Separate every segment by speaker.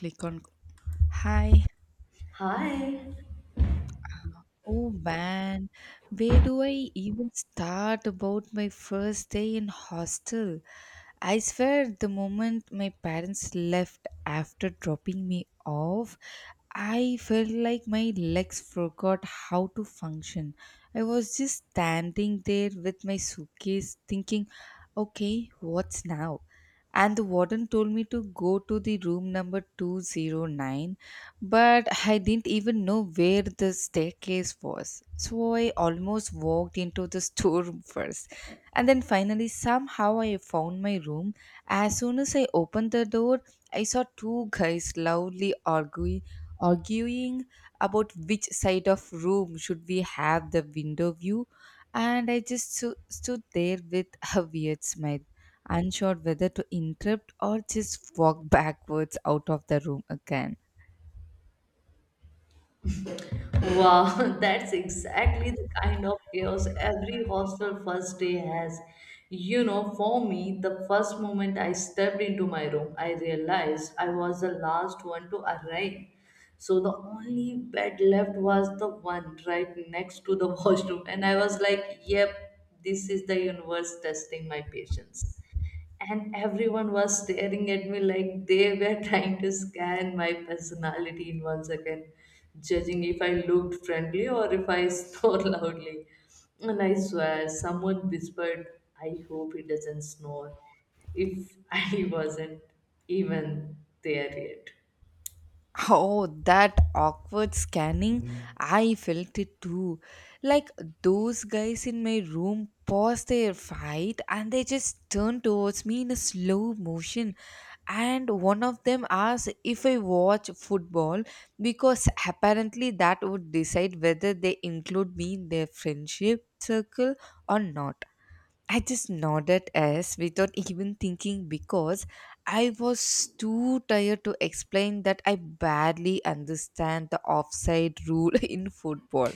Speaker 1: Click on hi
Speaker 2: Hi.
Speaker 1: uh, oh man, where do I even start about my first day in hostel? I swear, the moment my parents left after dropping me off, I felt like my legs forgot how to function. I was just standing there with my suitcase thinking, okay, what's now? And the warden told me to go to the room number 209, but I didn't even know where the staircase was, so I almost walked into the storeroom first. And then finally somehow I found my room. As soon as I opened the door, I saw two guys loudly arguing about which side of room should we have the window view. And I just stood there with a weird smile, unsure whether to interrupt or just walk backwards out of the room again.
Speaker 2: Wow, that's exactly the kind of chaos every hostel first day has. You know, for me, the first moment I stepped into my room, I realized I was the last one to arrive. So the only bed left was the one right next to the washroom. And I was like, yep, this is the universe testing my patience. And everyone was staring at me like they were trying to scan my personality in one second, judging if I looked friendly or if I snore loudly. And I swear, someone whispered, I hope he doesn't snore, if I wasn't even there yet.
Speaker 1: Oh, that awkward scanning. Mm. I felt it too. Like those guys in my room paused their fight and they just turned towards me in a slow motion. And one of them asked if I watch football, because apparently that would decide whether they include me in their friendship circle or not. I just nodded as without even thinking, because I was too tired to explain that I barely understand the offside rule in football.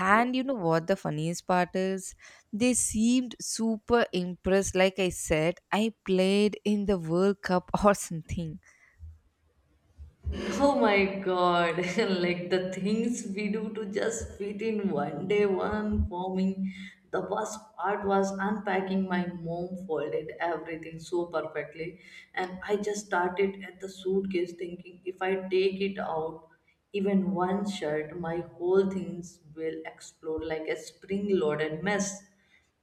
Speaker 1: And you know what the funniest part is? They seemed super impressed, like I said I played in the World Cup or something.
Speaker 2: Oh my God, like the things we do to just fit in one day, one forming. The worst part was unpacking, my mom folded everything so perfectly, and I just started at the suitcase thinking if I take it out, even one shirt, my whole things will explode like a spring loaded mess.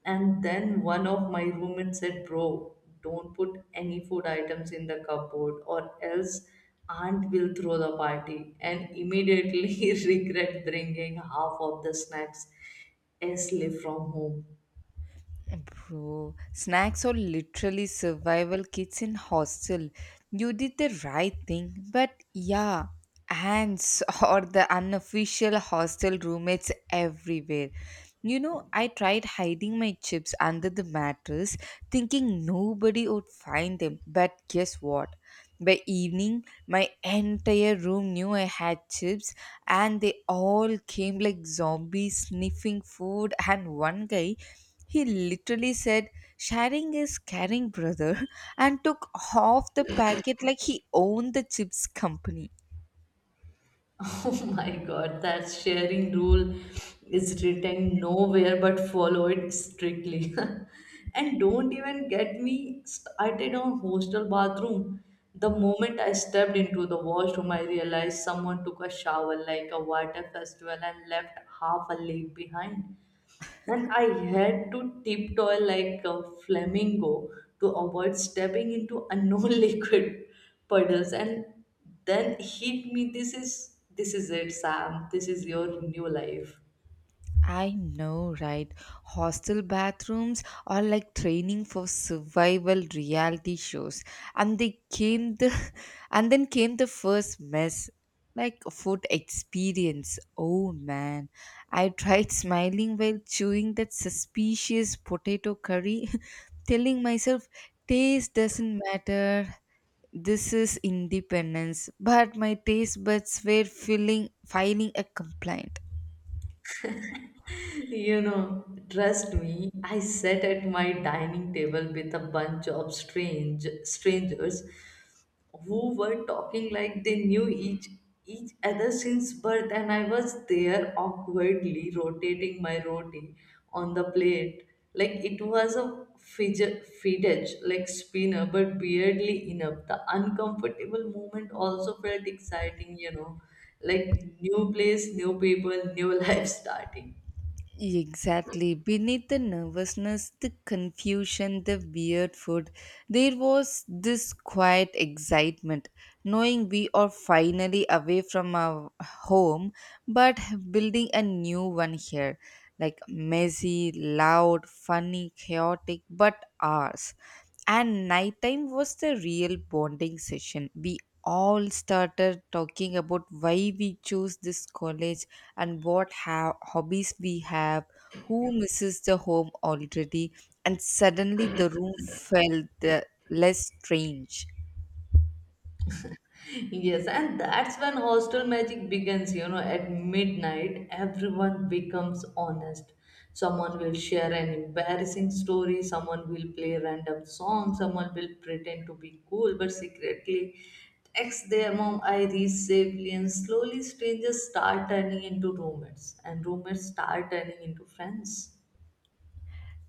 Speaker 2: And then one of my roommates said, Bro, don't put any food items in the cupboard or else aunt will throw the party, and immediately regret bringing half of the snacks Ashley from home.
Speaker 1: Bro, snacks are literally survival kits in hostel. You did the right thing, but yeah, ants or the unofficial hostel roommates everywhere. You know, I tried hiding my chips under the mattress, thinking nobody would find them. But guess what? By evening, my entire room knew I had chips, and they all came like zombies sniffing food. And one guy, he literally said, "Sharing is caring, brother," and took half the packet like he owned the chips company.
Speaker 2: Oh my god, that sharing rule is written nowhere but follow it strictly. And don't even get me started on hostel bathroom. The moment I stepped into the washroom, I realized someone took a shower like a water festival and left half a leg behind. And I had to tiptoe like a flamingo to avoid stepping into unknown liquid puddles. And then hit me. This is it, Sam. This is your new life.
Speaker 1: I know, right? Hostel bathrooms are like training for survival reality shows. And they came the and then came the first mess. Like food experience. Oh man. I tried smiling while chewing that suspicious potato curry, telling myself taste doesn't matter. This is independence. But my taste buds were feeling filing a complaint.
Speaker 2: You know, trust me, I sat at my dining table with a bunch of strangers who were talking like they knew each other since birth, and I was there awkwardly rotating my roti on the plate like it was a fidget like spinner, but weirdly enough the uncomfortable moment also felt exciting, you know, like new place, new people, new life starting.
Speaker 1: Exactly. Beneath the nervousness, the confusion, the weird food, there was this quiet excitement, knowing we are finally away from our home but building a new one here. Like messy, loud, funny, chaotic, but ours. And nighttime was the real bonding session. We all started talking about why we chose this college and what hobbies we have, who misses the home already, and suddenly the room felt less strange.
Speaker 2: Yes, and that's when hostel magic begins. You know, at midnight, everyone becomes honest. Someone will share an embarrassing story, someone will play random songs, someone will pretend to be cool but secretly text their mom I iris safely, and slowly strangers start turning into roommates, and roommates start turning into friends.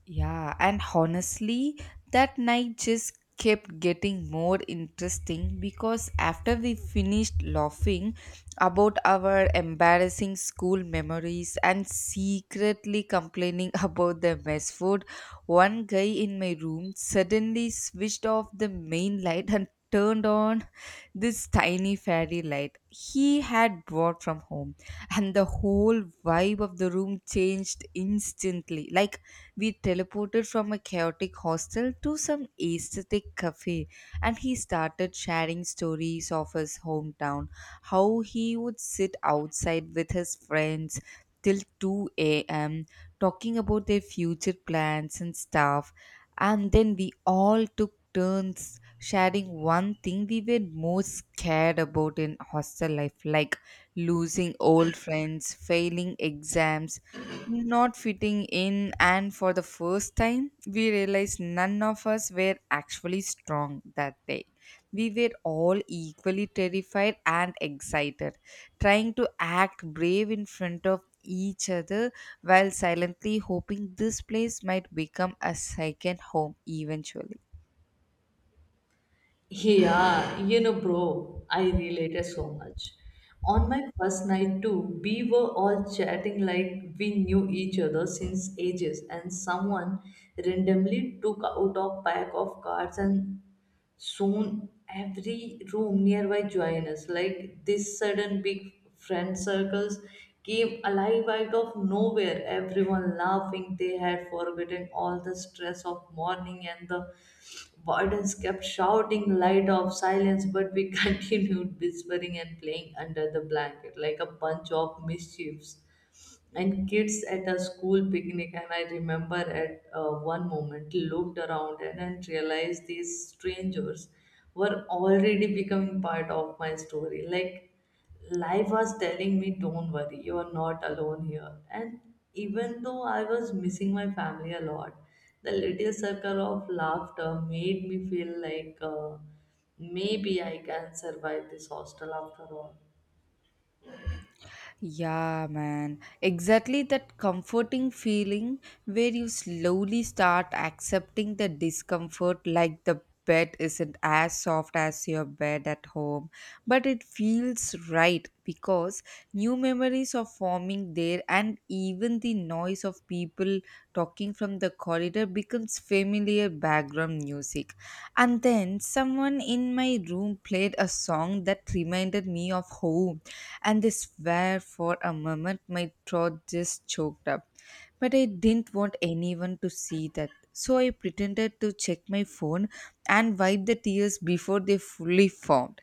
Speaker 1: Yeah, and honestly, that night just kept getting more interesting because after we finished laughing about our embarrassing school memories and secretly complaining about the mess food, one guy in my room suddenly switched off the main light and turned on this tiny fairy light he had brought from home, and the whole vibe of the room changed instantly, like we teleported from a chaotic hostel to some aesthetic cafe. And he started sharing stories of his hometown, how he would sit outside with his friends till 2 a.m., talking about their future plans and stuff. And then we all took turns sharing one thing we were most scared about in hostel life, like losing old friends, failing exams, not fitting in, and for the first time, we realized none of us were actually strong that day. We were all equally terrified and excited, trying to act brave in front of each other while silently hoping this place might become a second home eventually.
Speaker 2: Yeah, you know, bro, I related so much. On my first night too, we were all chatting like we knew each other since ages, and someone randomly took out a pack of cards, and soon, every room nearby joined us. Like this sudden big friend circles came alive out of nowhere. Everyone laughing, they had forgotten all the stress of morning, and the wardens kept shouting light of silence, but we continued whispering and playing under the blanket like a bunch of mischiefs and kids at a school picnic. And I remember at one moment looked around and realized these strangers were already becoming part of my story, like life was telling me, don't worry, you're not alone here. And even though I was missing my family a lot, the little circle of laughter made me feel like maybe I can survive this hostel after all.
Speaker 1: Yeah, man. Exactly that comforting feeling where you slowly start accepting the discomfort, like the bed isn't as soft as your bed at home, but it feels right because new memories are forming there, and even the noise of people talking from the corridor becomes familiar background music. And then someone in my room played a song that reminded me of home, and they swear for a moment my throat just choked up. But I didn't want anyone to see that, so I pretended to check my phone and wipe the tears before they fully formed.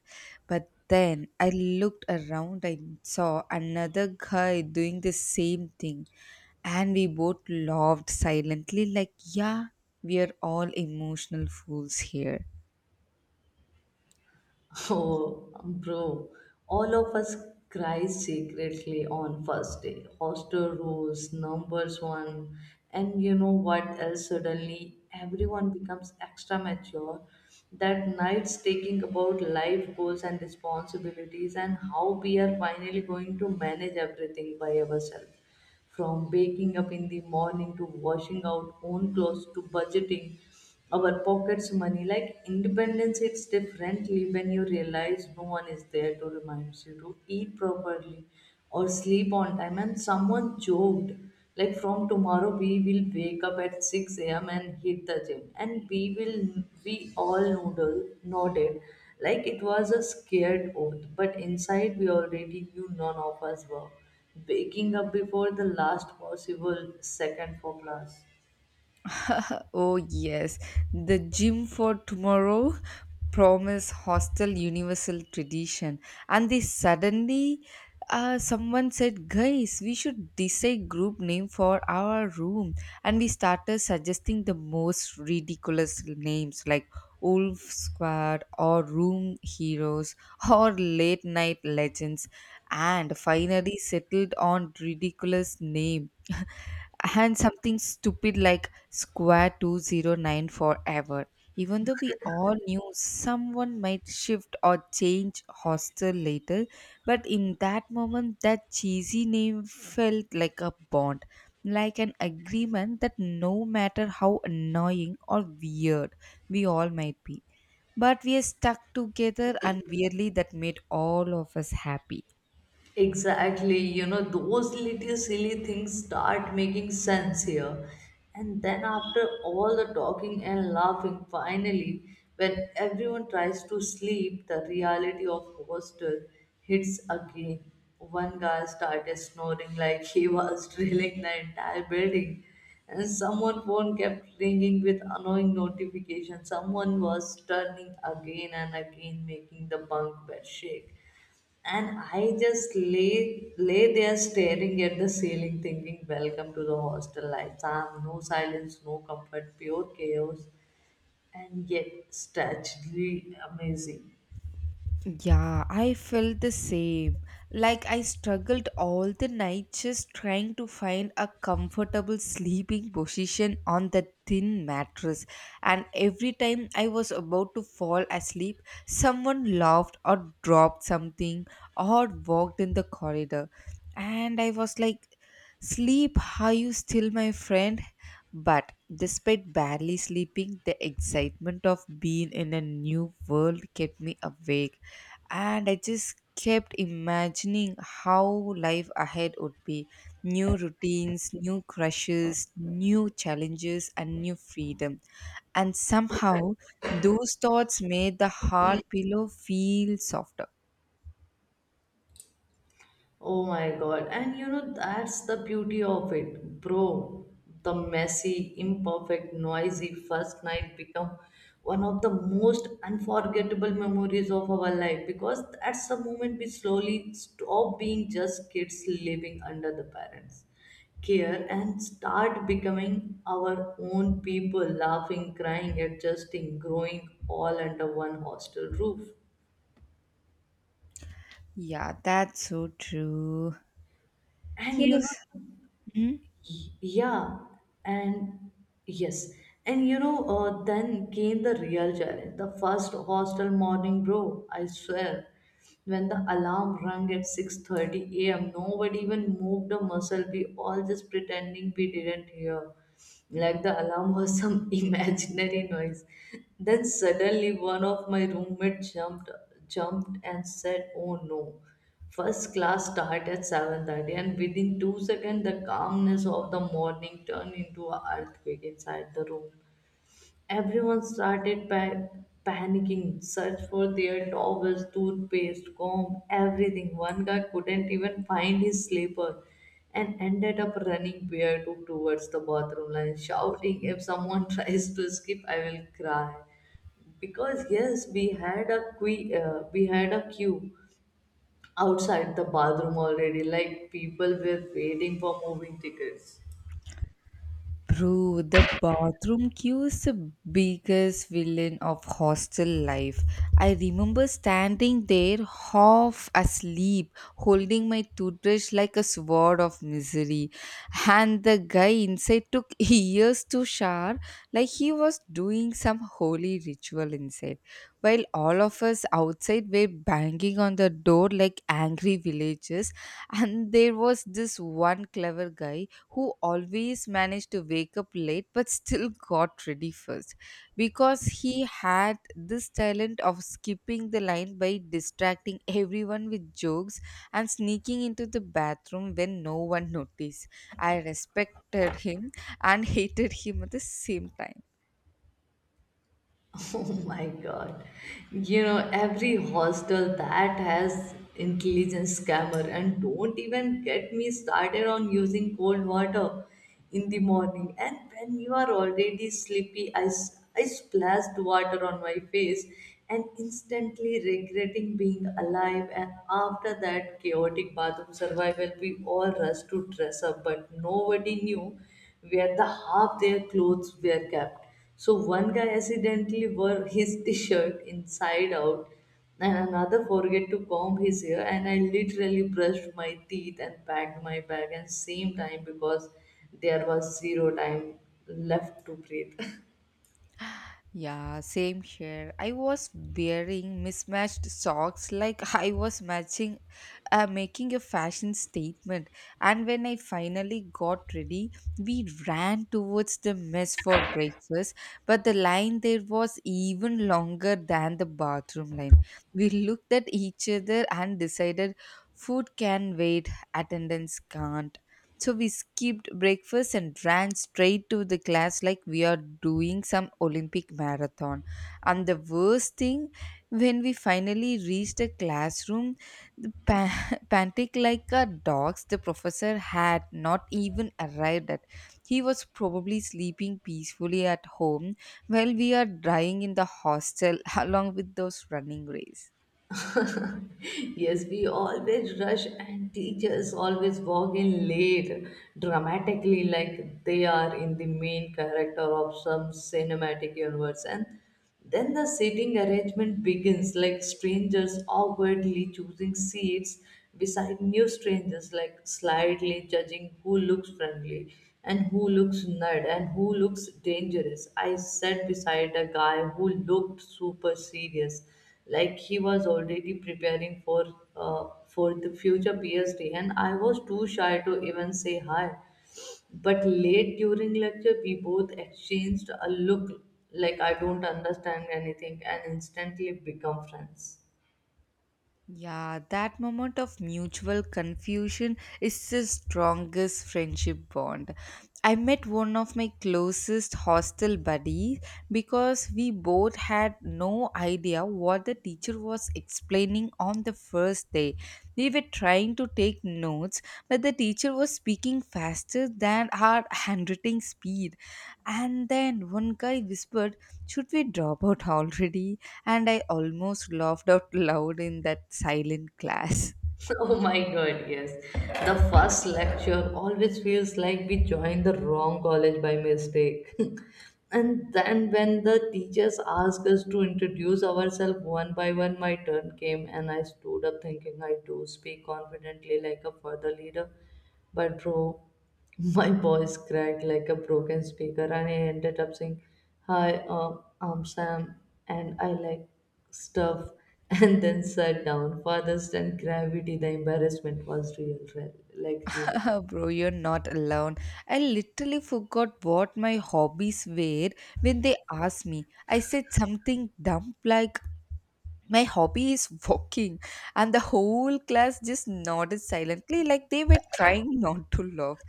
Speaker 1: But then I looked around and saw another guy doing the same thing, and we both laughed silently like, yeah, we are all emotional fools here.
Speaker 2: Oh, bro, all of us cry secretly on first day. Hostel rules, numbers one, and you know what else? Suddenly, everyone becomes extra mature. That night's taking about life goals and responsibilities, and how we are finally going to manage everything by ourselves. From waking up in the morning, to washing out own clothes, to budgeting our pockets money, like independence, it's differently when you realize no one is there to remind you to eat properly or sleep on time. And someone joked, like from tomorrow we will wake up at 6 a.m. and hit the gym, and we all noodle nodded like it was a scared oath, but inside we already knew none of us were waking up before the last possible second for class.
Speaker 1: Oh, yes, the gym for tomorrow promise, hostel universal tradition. And they suddenly, someone said, "Guys, we should decide group name for our room." And we started suggesting the most ridiculous names like Wolf Squad or Room Heroes or Late Night Legends. And finally settled on ridiculous name and something stupid like square 209 forever, even though we all knew someone might shift or change hostel later. But in that moment, that cheesy name felt like a bond, like an agreement that no matter how annoying or weird we all might be, but we are stuck together. And weirdly, that made all of us happy.
Speaker 2: Exactly, you know, those little silly things start making sense here. And then, after all the talking and laughing, finally, when everyone tries to sleep, the reality of hostel hits again. One guy started snoring like he was drilling the entire building, and someone phone kept ringing with annoying notifications. Someone was turning again and again, making the bunk bed shake, and I just lay there staring at the ceiling, thinking, Welcome to the hostel life. Sam, no silence, no comfort, pure chaos, and yet strangely amazing.
Speaker 1: Yeah, I felt the same. Like I struggled all the night just trying to find a comfortable sleeping position on the thin mattress. And every time I was about to fall asleep, someone laughed or dropped something or walked in the corridor. And I was like, "Sleep, are you still my friend?" But despite barely sleeping, the excitement of being in a new world kept me awake, and I just kept imagining how life ahead would be: new routines, new crushes, new challenges, and new freedom. And somehow, those thoughts made the hard pillow feel softer.
Speaker 2: Oh my god. And you know, that's the beauty of it, bro. The messy, imperfect, noisy first night become one of the most unforgettable memories of our life because that's the moment we slowly stop being just kids living under the parents' care and start becoming our own people, laughing, crying, adjusting, growing all under one hostel roof.
Speaker 1: Yeah, that's so true.
Speaker 2: And
Speaker 1: Yes. Hmm?
Speaker 2: yeah, and yes, and then came the real challenge. The first hostel morning, bro. I swear, when the alarm rang at 6:30 a.m., nobody even moved a muscle. We all just pretending we didn't hear, like the alarm was some imaginary noise. Then suddenly, one of my roommate jumped and said, "Oh no!" First class started at 7:30, and within 2 seconds the calmness of the morning turned into an earthquake inside the room. Everyone started panicking, searched for their towels, toothpaste, comb, everything. One guy couldn't even find his slipper and ended up running barefoot towards the bathroom line, shouting, If someone tries to skip, I will cry. Because yes, we had a queue outside the bathroom already, like people were waiting for moving tickets.
Speaker 1: Bro, the bathroom queue is the biggest villain of hostel life. I remember standing there half asleep, holding my toothbrush like a sword of misery. And the guy inside took years to shower, like he was doing some holy ritual inside, while all of us outside were banging on the door like angry villagers. And there was this one clever guy who always managed to wake up late but still got ready first because he had this talent of skipping the line by distracting everyone with jokes and sneaking into the bathroom when no one noticed. I respected him and hated him at the same time.
Speaker 2: Oh my god. You know, every hostel that has intelligence scammer, and don't even get me started on using cold water in the morning. And when you are already sleepy, I splashed water on my face and instantly regretting being alive. And after that chaotic bathroom survival, we all rushed to dress up, but nobody knew where the half their clothes were kept, so one guy accidentally wore his t-shirt inside out, and another forget to comb his hair, and I literally brushed my teeth and packed my bag at same time because there was zero time left to breathe.
Speaker 1: Yeah, same here. I was wearing mismatched socks like I was matching making a fashion statement. And when I finally got ready, we ran towards the mess for breakfast, but the line there was even longer than the bathroom line. We looked at each other and decided food can wait, attendance can't. So we skipped breakfast and ran straight to the class like we are doing some Olympic marathon. And the worst thing, when we finally reached the classroom, the pantic like a dogs, the professor had not even arrived at. He was probably sleeping peacefully at home while we are dying in the hostel along with those running race.
Speaker 2: Yes, we always rush, and teachers always walk in late, dramatically, like they are in the main character of some cinematic universe. And then the seating arrangement begins, like strangers awkwardly choosing seats beside new strangers, like slightly judging who looks friendly and who looks nerd and who looks dangerous. I sat beside a guy who looked super serious, like he was already preparing for the future PhD, and I was too shy to even say hi, but late during lecture we both exchanged a look like I don't understand anything, and instantly become friends.
Speaker 1: Yeah, that moment of mutual confusion is the strongest friendship bond. I met one of my closest hostel buddies because we both had no idea what the teacher was explaining on the first day. We were trying to take notes, but the teacher was speaking faster than our handwriting speed. And then one guy whispered, "Should we drop out already?" And I almost laughed out loud in that silent class.
Speaker 2: Oh my God, yes. The first lecture always feels like we joined the wrong college by mistake. And then when the teachers asked us to introduce ourselves one by one, my turn came and I stood up thinking I do speak confidently like a further leader. But bro, my voice cracked like a broken speaker, and I ended up saying, Hi, I'm Sam, and I like stuff, and then sat down. Farthest than gravity, the embarrassment was real, real like really.
Speaker 1: Bro, you're not alone. I literally forgot what my hobbies were when they asked me. I said something dumb like, "My hobby is walking," and the whole class just nodded silently like they were trying not to laugh.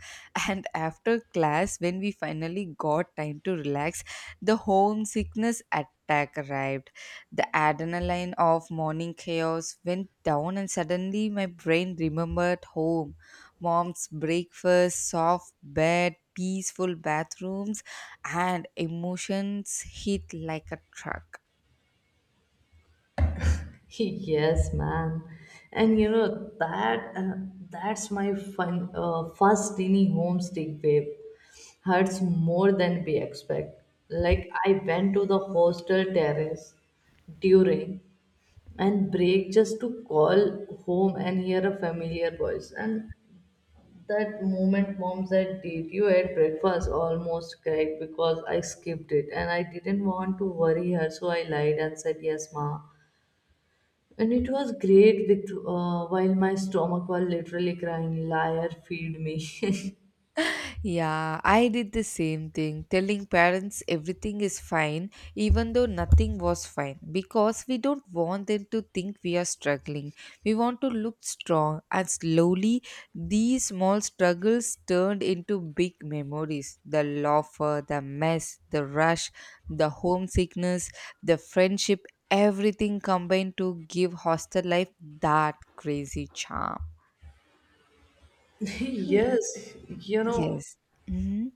Speaker 1: And after class, when we finally got time to relax, the homesickness attack arrived. The adrenaline of morning chaos went down, and suddenly my brain remembered home, mom's breakfast, soft bed, peaceful bathrooms, and emotions hit like a truck.
Speaker 2: Yes, man. And you know that that's my fun first tiny homesick babe. Hurts more than we expect. Like I went to the hostel terrace during and break just to call home and hear a familiar voice. And that moment, mom said, Did you at breakfast? Almost cried because I skipped it and I didn't want to worry her, so I lied and said, Yes, ma. And it was great with while my stomach was literally crying, liar, feed me.
Speaker 1: Yeah, I did the same thing, telling parents everything is fine, even though nothing was fine, because we don't want them to think we are struggling. We want to look strong, and slowly, these small struggles turned into big memories: the laughter, the mess, the rush, the homesickness, the friendship, everything combined to give hostel life that crazy charm. Hmm.
Speaker 2: Yes, you know,
Speaker 1: Yes. Mm-hmm.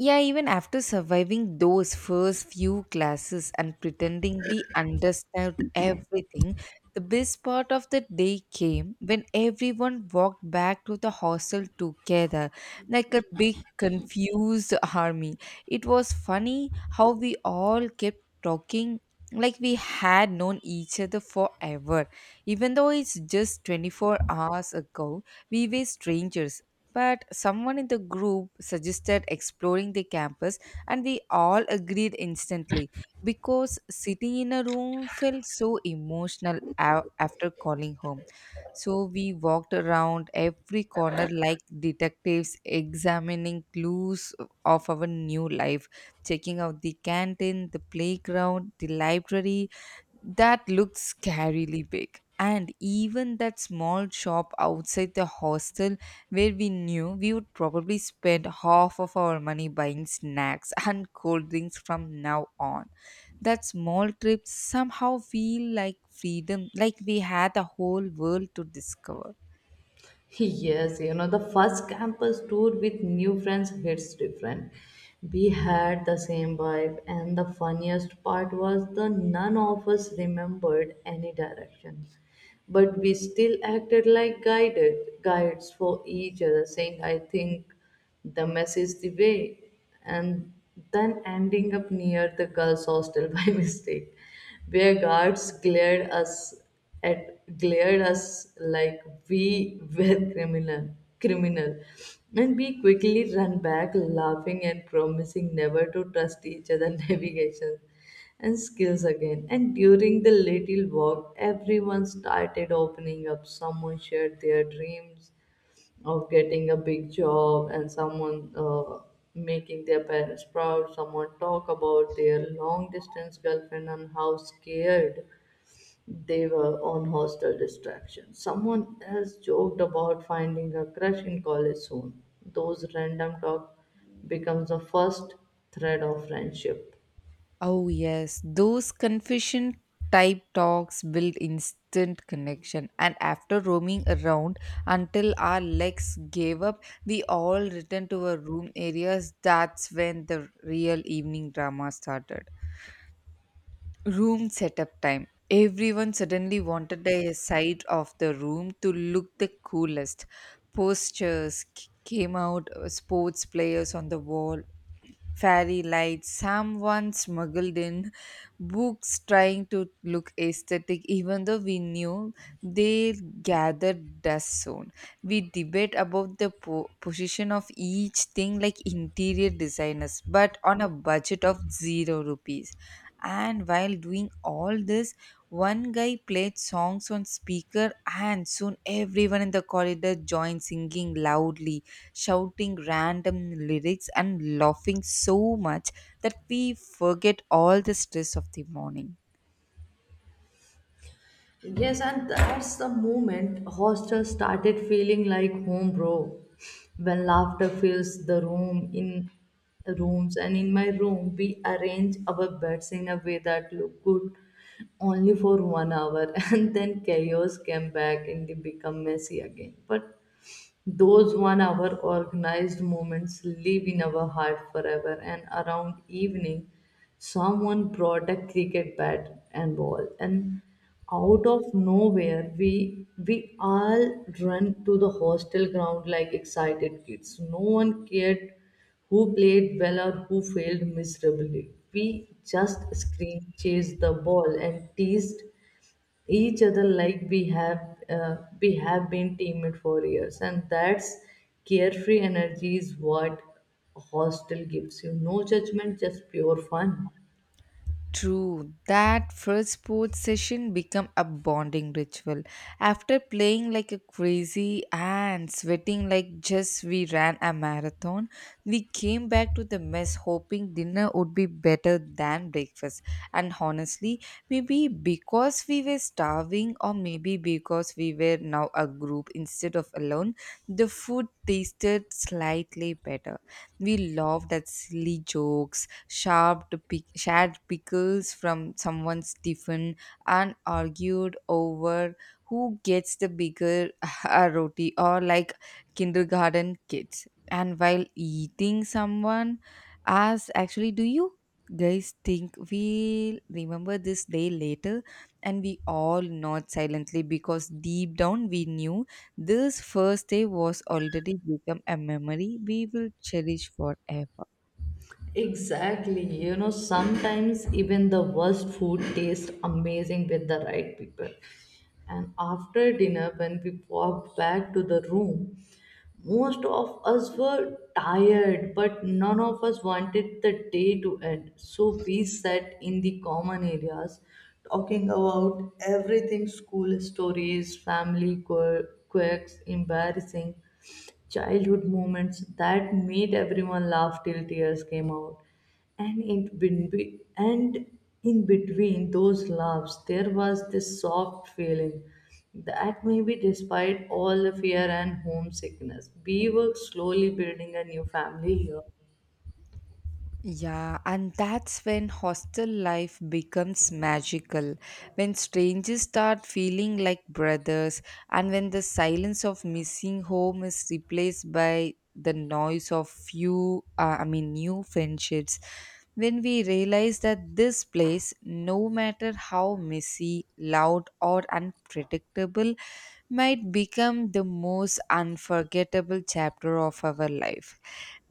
Speaker 1: Yeah, even after surviving those first few classes and pretending we understood everything, the best part of the day came when everyone walked back to the hostel together, like a big confused army. It was funny how we all kept talking like we had known each other forever, even though it's just 24 hours ago we were strangers. But someone in the group suggested exploring the campus, and we all agreed instantly because sitting in a room felt so emotional after calling home. So we walked around every corner like detectives examining clues of our new life, checking out the canteen, the playground, the library, that looked scarily big. And even that small shop outside the hostel where we knew we would probably spend half of our money buying snacks and cold drinks from now on. That small trip somehow feel like freedom, like we had the whole world to discover.
Speaker 2: yes, you know, the first campus tour with new friends hits different. We had the same vibe, and the funniest part was the none of us remembered any direction. But we still acted like guided guides for each other, saying, I think the mess is the way, and then ending up near the girls' hostel by mistake, where guards at glared us like we were criminal, and we quickly ran back laughing and promising never to trust each other navigation and skills again. And during the little walk everyone started opening up, someone shared their dreams of getting a big job, and someone making their parents proud, someone talk about their long distance girlfriend and how scared they were on hostel distraction, someone else joked about finding a crush in college soon. Those random talk becomes the first thread of friendship.
Speaker 1: Oh, yes. Those confession type talks build instant connection. And after roaming around until our legs gave up, we all returned to our room areas. That's when the real evening drama started. Room setup time. Everyone suddenly wanted a side of the room to look the coolest. Posters came out, sports players on the wall, fairy lights, someone smuggled in books trying to look aesthetic, even though we knew they gathered dust soon. We debate about the position of each thing like interior designers, but on a budget of zero rupees. And while doing all this, one guy played songs on speaker, and soon everyone in the corridor joined singing loudly, shouting random lyrics and laughing so much that we forget all the stress of the morning.
Speaker 2: Yes, and that's the moment hostel started feeling like home, bro. When laughter fills the room in rooms, and in my room, we arrange our beds in a way that look good only for one hour, and then chaos came back and they become messy again. But those one hour organized moments live in our heart forever. And around evening, someone brought a cricket bat and ball, and out of nowhere, we all run to the hostel ground like excited kids. No one cared who played well or who failed miserably. We just screamed, chased the ball, and teased each other like we have been teammates for years. And that's carefree energy is what hostel gives you, no judgment, just pure fun.
Speaker 1: True, that first sports session become a bonding ritual. After playing like a crazy and sweating like just we ran a marathon, we came back to the mess hoping dinner would be better than breakfast. And honestly, maybe because we were starving or maybe because we were now a group instead of alone, the food tasted slightly better. We laughed at silly jokes, shared pickles from someone's tiffin, and argued over who gets the bigger roti, or like kindergarten kids. And while eating, someone asked, actually, do you guys think we'll remember this day later? And we all nod silently because deep down we knew this first day was already become a memory we will cherish forever.
Speaker 2: Exactly. You know, sometimes even the worst food tastes amazing with the right people. And after dinner, when we walked back to the room, most of us were tired, but none of us wanted the day to end. So we sat in the common areas talking about everything, school stories, family quirks, embarrassing childhood moments that made everyone laugh till tears came out. And in between those laughs, there was this soft feeling that maybe despite all the fear and homesickness, we were slowly building a new family here.
Speaker 1: Yeah, and that's when hostel life becomes magical. When strangers start feeling like brothers, and when the silence of missing home is replaced by the noise of new friendships. When we realize that this place, no matter how messy, loud, or unpredictable, might become the most unforgettable chapter of our life,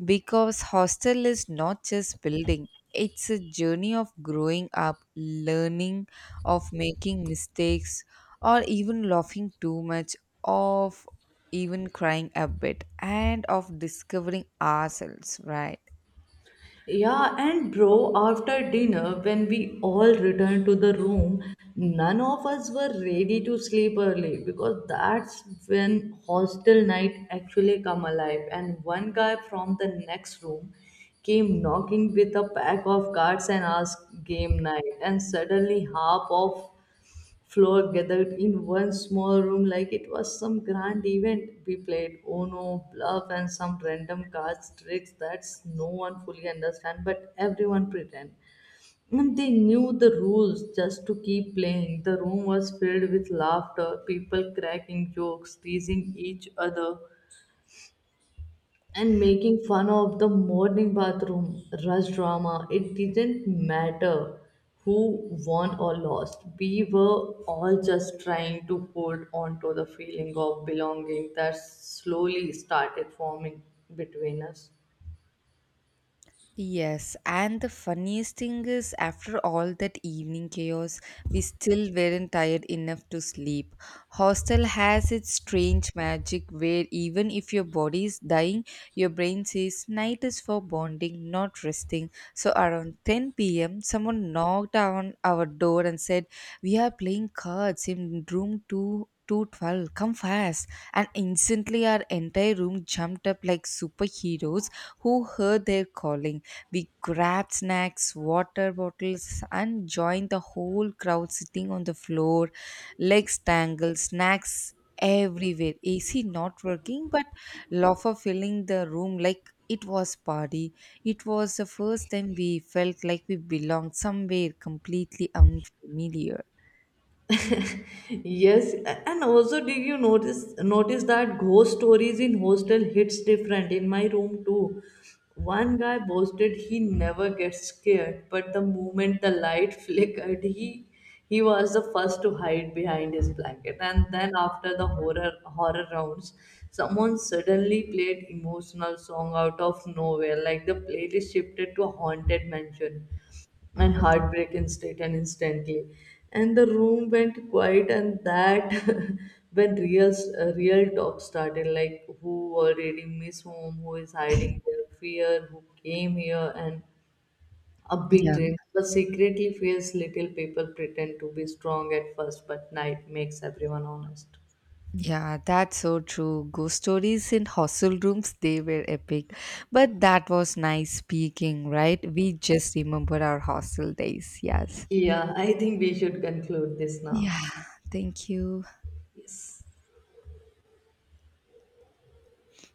Speaker 1: because hostel is not just building, it's a journey of growing up, learning, of making mistakes, or even laughing too much, of even crying a bit, and of discovering ourselves, right?
Speaker 2: Yeah, and bro, after dinner, when we all returned to the room, none of us were ready to sleep early because that's when hostel night actually come alive. And one guy from the next room came knocking with a pack of cards and asked game night. And suddenly half of floor gathered in one small room like it was some grand event. We played Uno, Bluff, and some random cards tricks that no one fully understand, but everyone pretend. And they knew the rules just to keep playing. The room was filled with laughter, people cracking jokes, teasing each other, and making fun of the morning bathroom rush drama. It didn't matter who won or lost. We were all just trying to hold on to the feeling of belonging that slowly started forming between us.
Speaker 1: Yes, and the funniest thing is, after all that evening chaos, we still weren't tired enough to sleep. Hostel has its strange magic where even if your body is dying, your brain says night is for bonding, not resting. So around 10 p.m., someone knocked on our door and said, we are playing cards in room 2. 212, come fast. And instantly our entire room jumped up like superheroes who heard their calling. We grabbed snacks, water bottles, and joined the whole crowd sitting on the floor, legs tangled, snacks everywhere, AC not working, but laughter filling the room like it was party. It was the first time we felt like we belonged somewhere completely unfamiliar.
Speaker 2: Yes, and also did you notice that ghost stories in hostel hits different in my room too. One guy boasted he never gets scared, but the moment the light flickered, he was the first to hide behind his blanket. And then after the horror rounds, someone suddenly played emotional song out of nowhere, like the playlist shifted to a haunted mansion and heartbreak instantly, and the room went quiet, and that when real real talk started, like who already miss home, who is hiding their fear, who came here and a big
Speaker 1: Yeah.
Speaker 2: dream but secretly fears, little people pretend to be strong at first but night makes everyone honest.
Speaker 1: Yeah, that's so true. Ghost stories in hostel rooms, they were epic. But that was nice speaking, right? We just remember our hostel days. Yes.
Speaker 2: Yeah, I think we should conclude this now.
Speaker 1: Yeah. Thank you.